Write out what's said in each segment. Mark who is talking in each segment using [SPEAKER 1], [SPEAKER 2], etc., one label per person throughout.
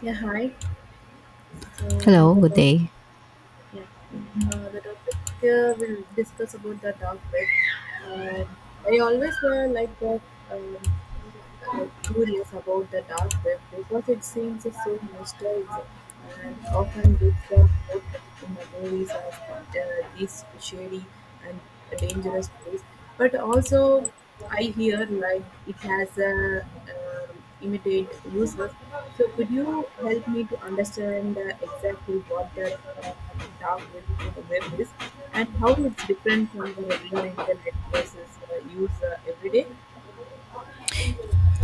[SPEAKER 1] Yeah, hi. So
[SPEAKER 2] Hello,
[SPEAKER 1] the
[SPEAKER 2] good
[SPEAKER 1] top,
[SPEAKER 2] day.
[SPEAKER 1] yeah, the topic we'll discuss about the dark web. Uh, I always like the um like curious about the dark web because it seems so mysterious and often gets the portrayed in the movies as this shady and dangerous place. But also, I hear like it has a limited users. So could you help me to understand exactly what the uh, dark web, web is and how it's different from the regular internet versus use every day?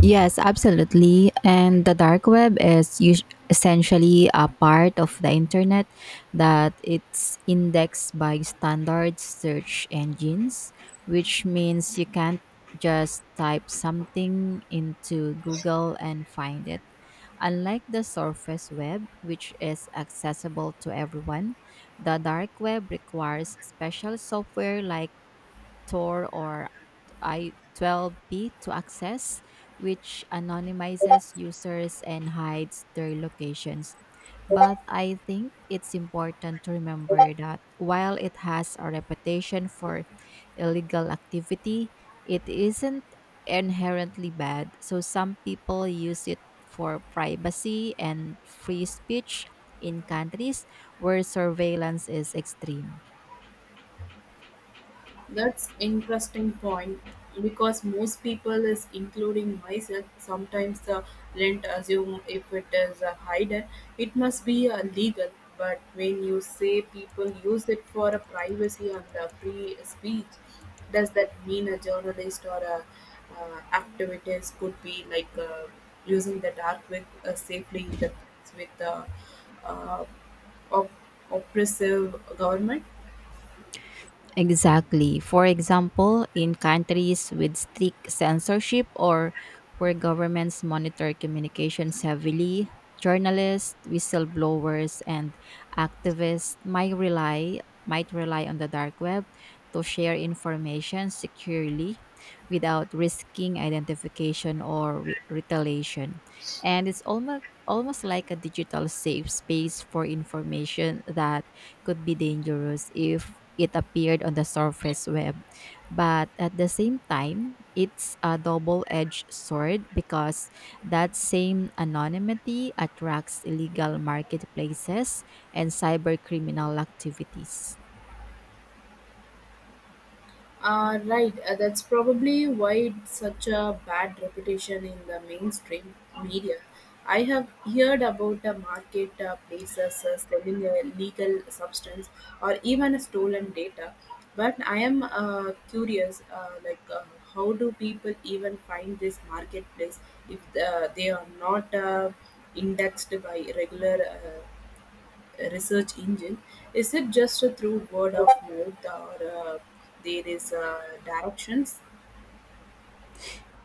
[SPEAKER 2] Yes, absolutely. And the dark web is essentially a part of the internet that it's indexed by standard search engines, which means you can't just type something into Google and find it. Unlike the surface web, which is accessible to everyone, the dark web requires special software like Tor or I-12B to access, which anonymizes users and hides their locations. But I think it's important to remember that while it has a reputation for illegal activity, it isn't inherently bad. So some people use it for privacy and free speech in countries where surveillance is extreme.
[SPEAKER 1] That's interesting point because most people is including myself sometimes the rent assume if it is a hidden it must be legal, but when you say people use it for a privacy and a free speech, does that mean a journalist or a activist could be like using the dark web safely in the with the uh, op- oppressive government?
[SPEAKER 2] Exactly. For example, in countries with strict censorship or where governments monitor communications heavily, journalists, whistleblowers, and activists might rely on the dark web to share information securely without risking identification or retaliation. And it's almost like a digital safe space for information that could be dangerous if it appeared on the surface web. But at the same time, it's a double edged sword because that same anonymity attracts illegal marketplaces and cybercriminal activities.
[SPEAKER 1] Right, that's probably why it's such a bad reputation in the mainstream media. I have heard about market places selling legal substance or even stolen data, but I am curious, like how do people even find this marketplace if they are not indexed by regular research engine, is it just through word of mouth or there is directions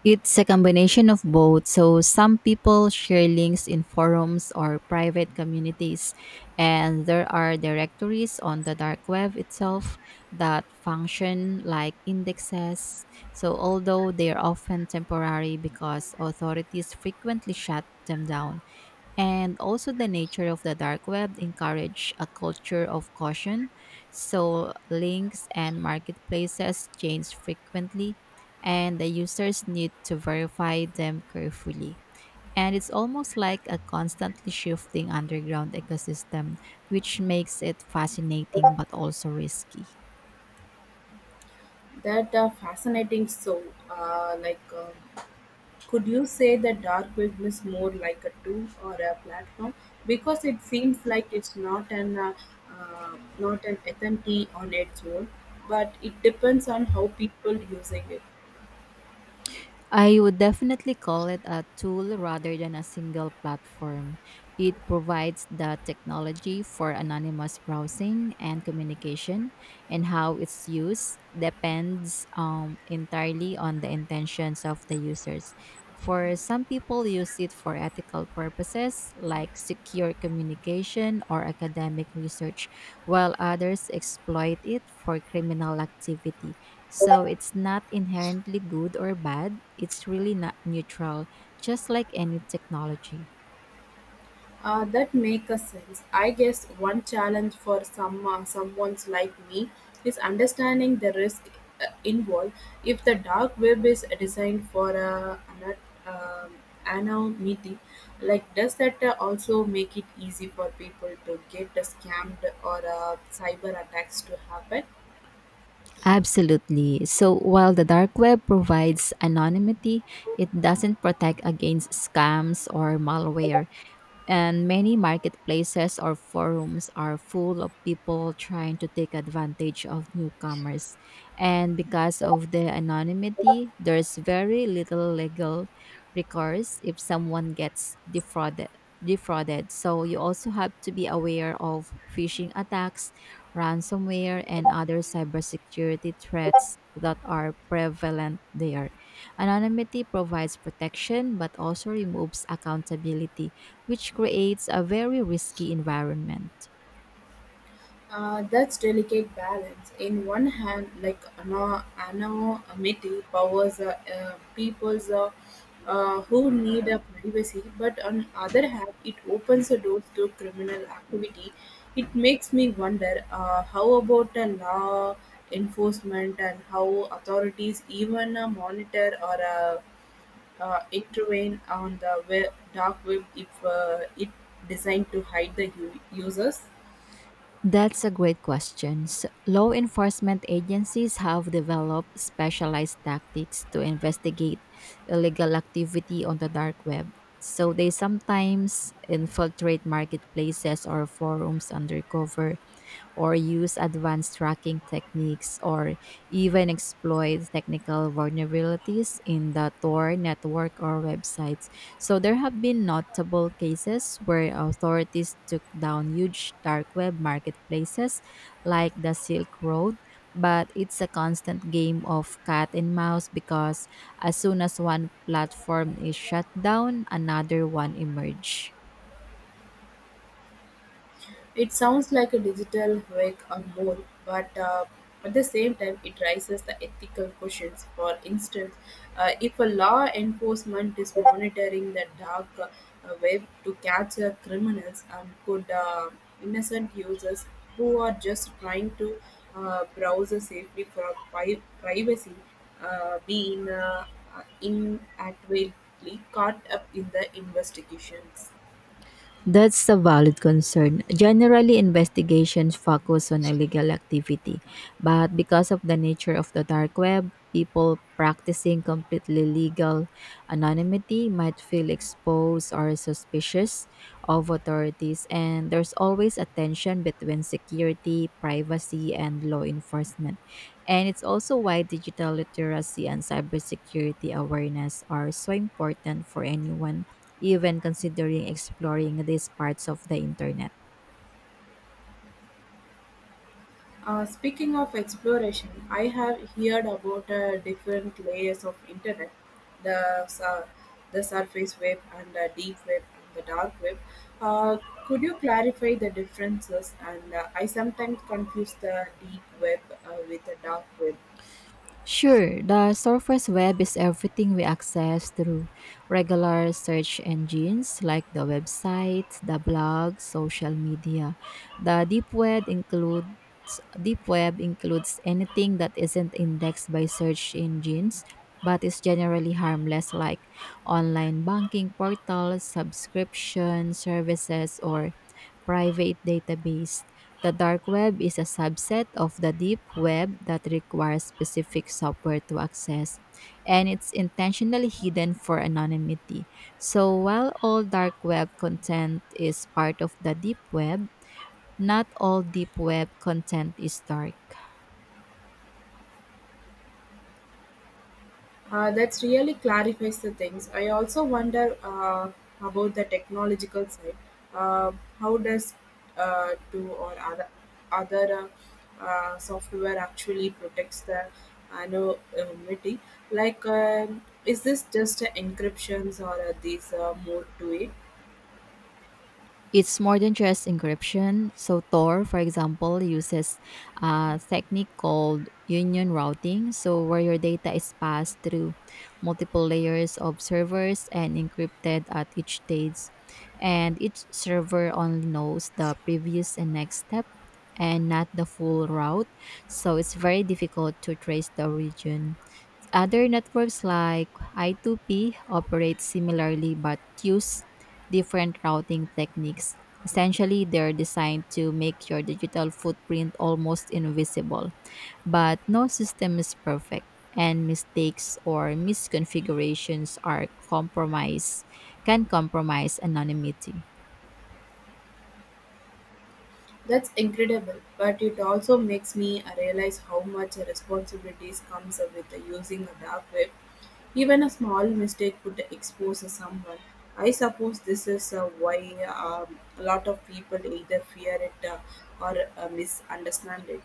[SPEAKER 2] It's a combination of both. So some people share links in forums or private communities, and there are directories on the dark web itself that function like indexes. So although they are often temporary because authorities frequently shut them down. And also the nature of the dark web encourage a culture of caution, so links and marketplaces change frequently, and the users need to verify them carefully, and it's almost like a constantly shifting underground ecosystem which makes it fascinating but also risky.
[SPEAKER 1] that are fascinating? So, uh, like, uh, could you say that dark web is more like a tool or a platform because it seems like it's not an entity on its own, but it depends on how people using it.
[SPEAKER 2] I would definitely call it a tool rather than a single platform. It provides the technology for anonymous browsing and communication, and how it's used depends entirely on the intentions of the users. For some people, use it for ethical purposes like secure communication or academic research, while others exploit it for criminal activity, so it's not inherently good or bad. It's really not neutral, just like any technology.
[SPEAKER 1] That makes a sense. I guess one challenge for someone's like me is understanding the risk involved. If the dark web is designed for um anonymity, like does that also make it easy for people to get scammed or cyber attacks to happen?
[SPEAKER 2] Absolutely. So while the dark web provides anonymity, it doesn't protect against scams or malware. And many marketplaces or forums are full of people trying to take advantage of newcomers. And because of the anonymity, there's very little legal recourse if someone gets defrauded. Defrauded. So you also have to be aware of phishing attacks, ransomware, and other cybersecurity threats that are prevalent there. Anonymity provides protection but also removes accountability, which creates a very risky environment.
[SPEAKER 1] That's delicate balance. In one hand, like anonymity powers peoples who need a privacy, but on other hand, it opens the doors to criminal activity. It makes me wonder how about law enforcement and how authorities even monitor or intervene on the dark web if it designed to hide the users.
[SPEAKER 2] That's a great question. Law enforcement agencies have developed specialized tactics to investigate illegal activity on the dark web. So they sometimes infiltrate marketplaces or forums undercover or use advanced tracking techniques or even exploit technical vulnerabilities in the Tor network or websites. So there have been notable cases where authorities took down huge dark web marketplaces like the Silk Road. But it's a constant game of cat and mouse because as soon as one platform is shut down, another one emerges.
[SPEAKER 1] It sounds like a digital wake a more, but at the same time, it raises the ethical questions. For instance, if a law enforcement is monitoring the dark web to capture criminals, and could innocent users who are just trying to browse safely for privacy uh, be in, uh, inadvertently caught up in the investigations?
[SPEAKER 2] That's a valid concern. Generally, investigations focus on illegal activity, but because of the nature of the dark web, people practicing completely legal anonymity might feel exposed or suspicious of authorities, and there's always a tension between security, privacy, and law enforcement. And it's also why digital literacy and cybersecurity awareness are so important for anyone even considering exploring these parts of the internet.
[SPEAKER 1] Speaking of exploration, I have heard about different layers of internet, the sur- the surface web and the deep web and the dark web. Uh, could you clarify the differences? And I sometimes confuse the deep web with the dark web.
[SPEAKER 2] Sure, the surface web is everything we access through regular search engines like the website, the blog, social media. The deep web includes anything that isn't indexed by search engines but is generally harmless, like online banking portals, subscription services or private database. The dark web is a subset of the deep web that requires specific software to access, and it's intentionally hidden for anonymity. So, while all dark web content is part of the deep web, not all deep web content is dark.
[SPEAKER 1] That really clarifies the things. I also wonder about the technological side. Uh, how does to or other software actually protects the anonymity? Like, is this just encryptions or are these more to it?
[SPEAKER 2] It's more than just encryption. So Tor, for example, uses a technique called union routing, so where your data is passed through multiple layers of servers and encrypted at each stage. And each server only knows the previous and next step and not the full route. So it's very difficult to trace the origin. Other networks like I2P operate similarly but use different routing techniques. Essentially, they're designed to make your digital footprint almost invisible, but no system is perfect, and mistakes or misconfigurations are compromise can compromise anonymity.
[SPEAKER 1] That's incredible, but it also makes me realize how much responsibilities comes with using a dark web. Even a small mistake could expose someone. I suppose this is why a lot of people either fear it or misunderstand it.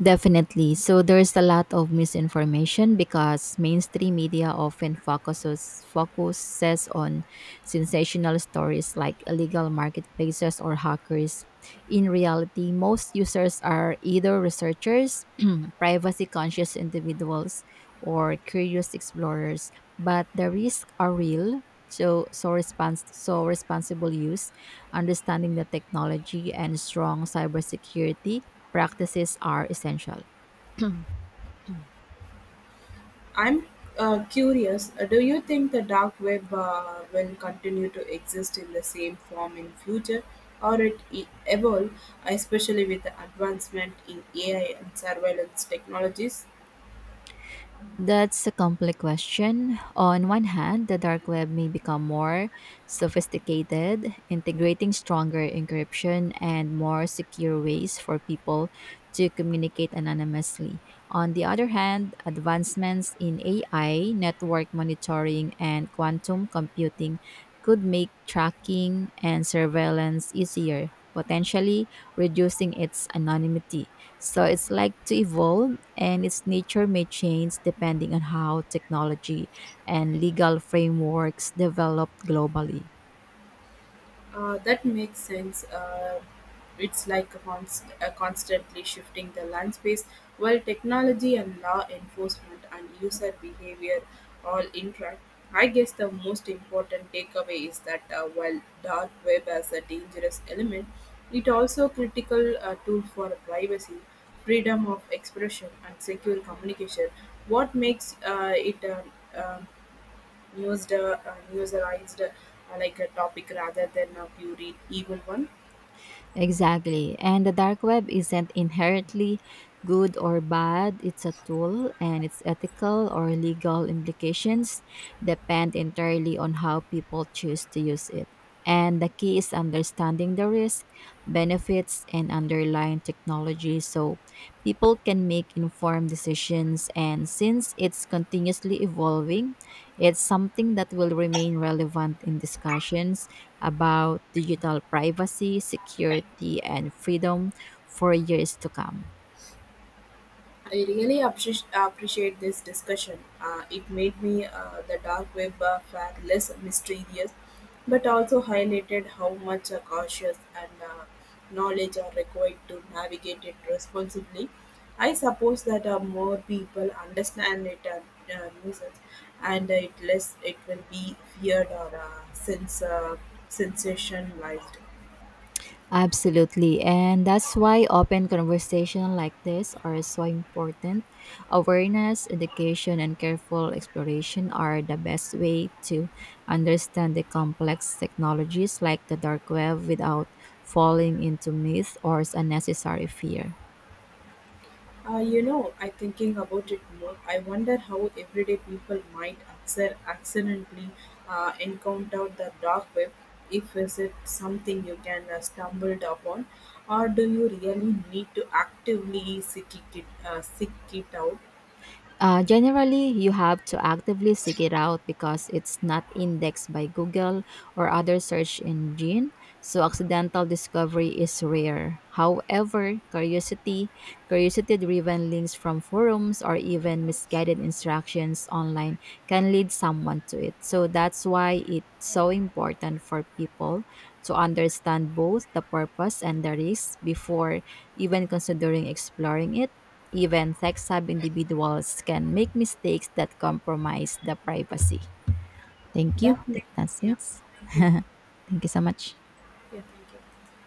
[SPEAKER 2] Definitely. So there's a lot of misinformation because mainstream media often focuses on sensational stories like illegal marketplaces or hackers. In reality, most users are either researchers, privacy conscious individuals, or curious explorers, but the risks are real. So responsible use, understanding the technology, and strong cybersecurity practices are essential.
[SPEAKER 1] I'm curious, do you think the dark web will continue to exist in the same form in future or it evolve, especially with the advancement in AI and surveillance technologies?
[SPEAKER 2] That's a complex question. On one hand, the dark web may become more sophisticated, integrating stronger encryption and more secure ways for people to communicate anonymously. On the other hand, advancements in AI, network monitoring, and quantum computing could make tracking and surveillance easier, potentially reducing its anonymity. So it's like to evolve, and its nature may change depending on how technology and legal frameworks develop globally.
[SPEAKER 1] That makes sense. It's like a constantly shifting the landscape while technology and law enforcement and user behavior all interact. I guess the most important takeaway is that while dark web has a dangerous element, it also critical tool for privacy, freedom of expression, and secure communication. What makes it um, used userized like a topic rather than a pure evil one.
[SPEAKER 2] Exactly. And the dark web isn't inherently good or bad. It's a tool, and its ethical or legal implications depend entirely on how people choose to use it. And the key is understanding the risk, benefits, and underlying technology, so people can make informed decisions. And since it's continuously evolving, it's something that will remain relevant in discussions about digital privacy, security, and freedom for years to come.
[SPEAKER 1] I really appreciate this discussion. It made me the dark web flag less mysterious, but also highlighted how much cautious and knowledge are required to navigate it responsibly. I suppose that more people understand it and use it, and it less it will be feared or sense sensationalized.
[SPEAKER 2] Absolutely. And that's why open conversation like this are so important. Awareness, education, and careful exploration are the best way to understand the complex technologies like the dark web without falling into myth or unnecessary fear.
[SPEAKER 1] You know, I thinking about it more, I wonder how everyday people might accidentally encounter the dark web if is it something you can stumble upon or do you really need to seek it out?
[SPEAKER 2] Generally, you have to actively seek it out because it's not indexed by Google or other search engine, so accidental discovery is rare. However, curiosity-driven links from forums or even misguided instructions online can lead someone to it. So that's why it's so important for people to understand both the purpose and the risk before even considering exploring it. Even tech savvy individuals can make mistakes that compromise the privacy. Thank
[SPEAKER 1] That
[SPEAKER 2] you.
[SPEAKER 1] may,
[SPEAKER 2] Take that,
[SPEAKER 1] yeah,
[SPEAKER 2] sis.
[SPEAKER 1] thank you.
[SPEAKER 2] Thank you so much.
[SPEAKER 1] Yeah, thank you.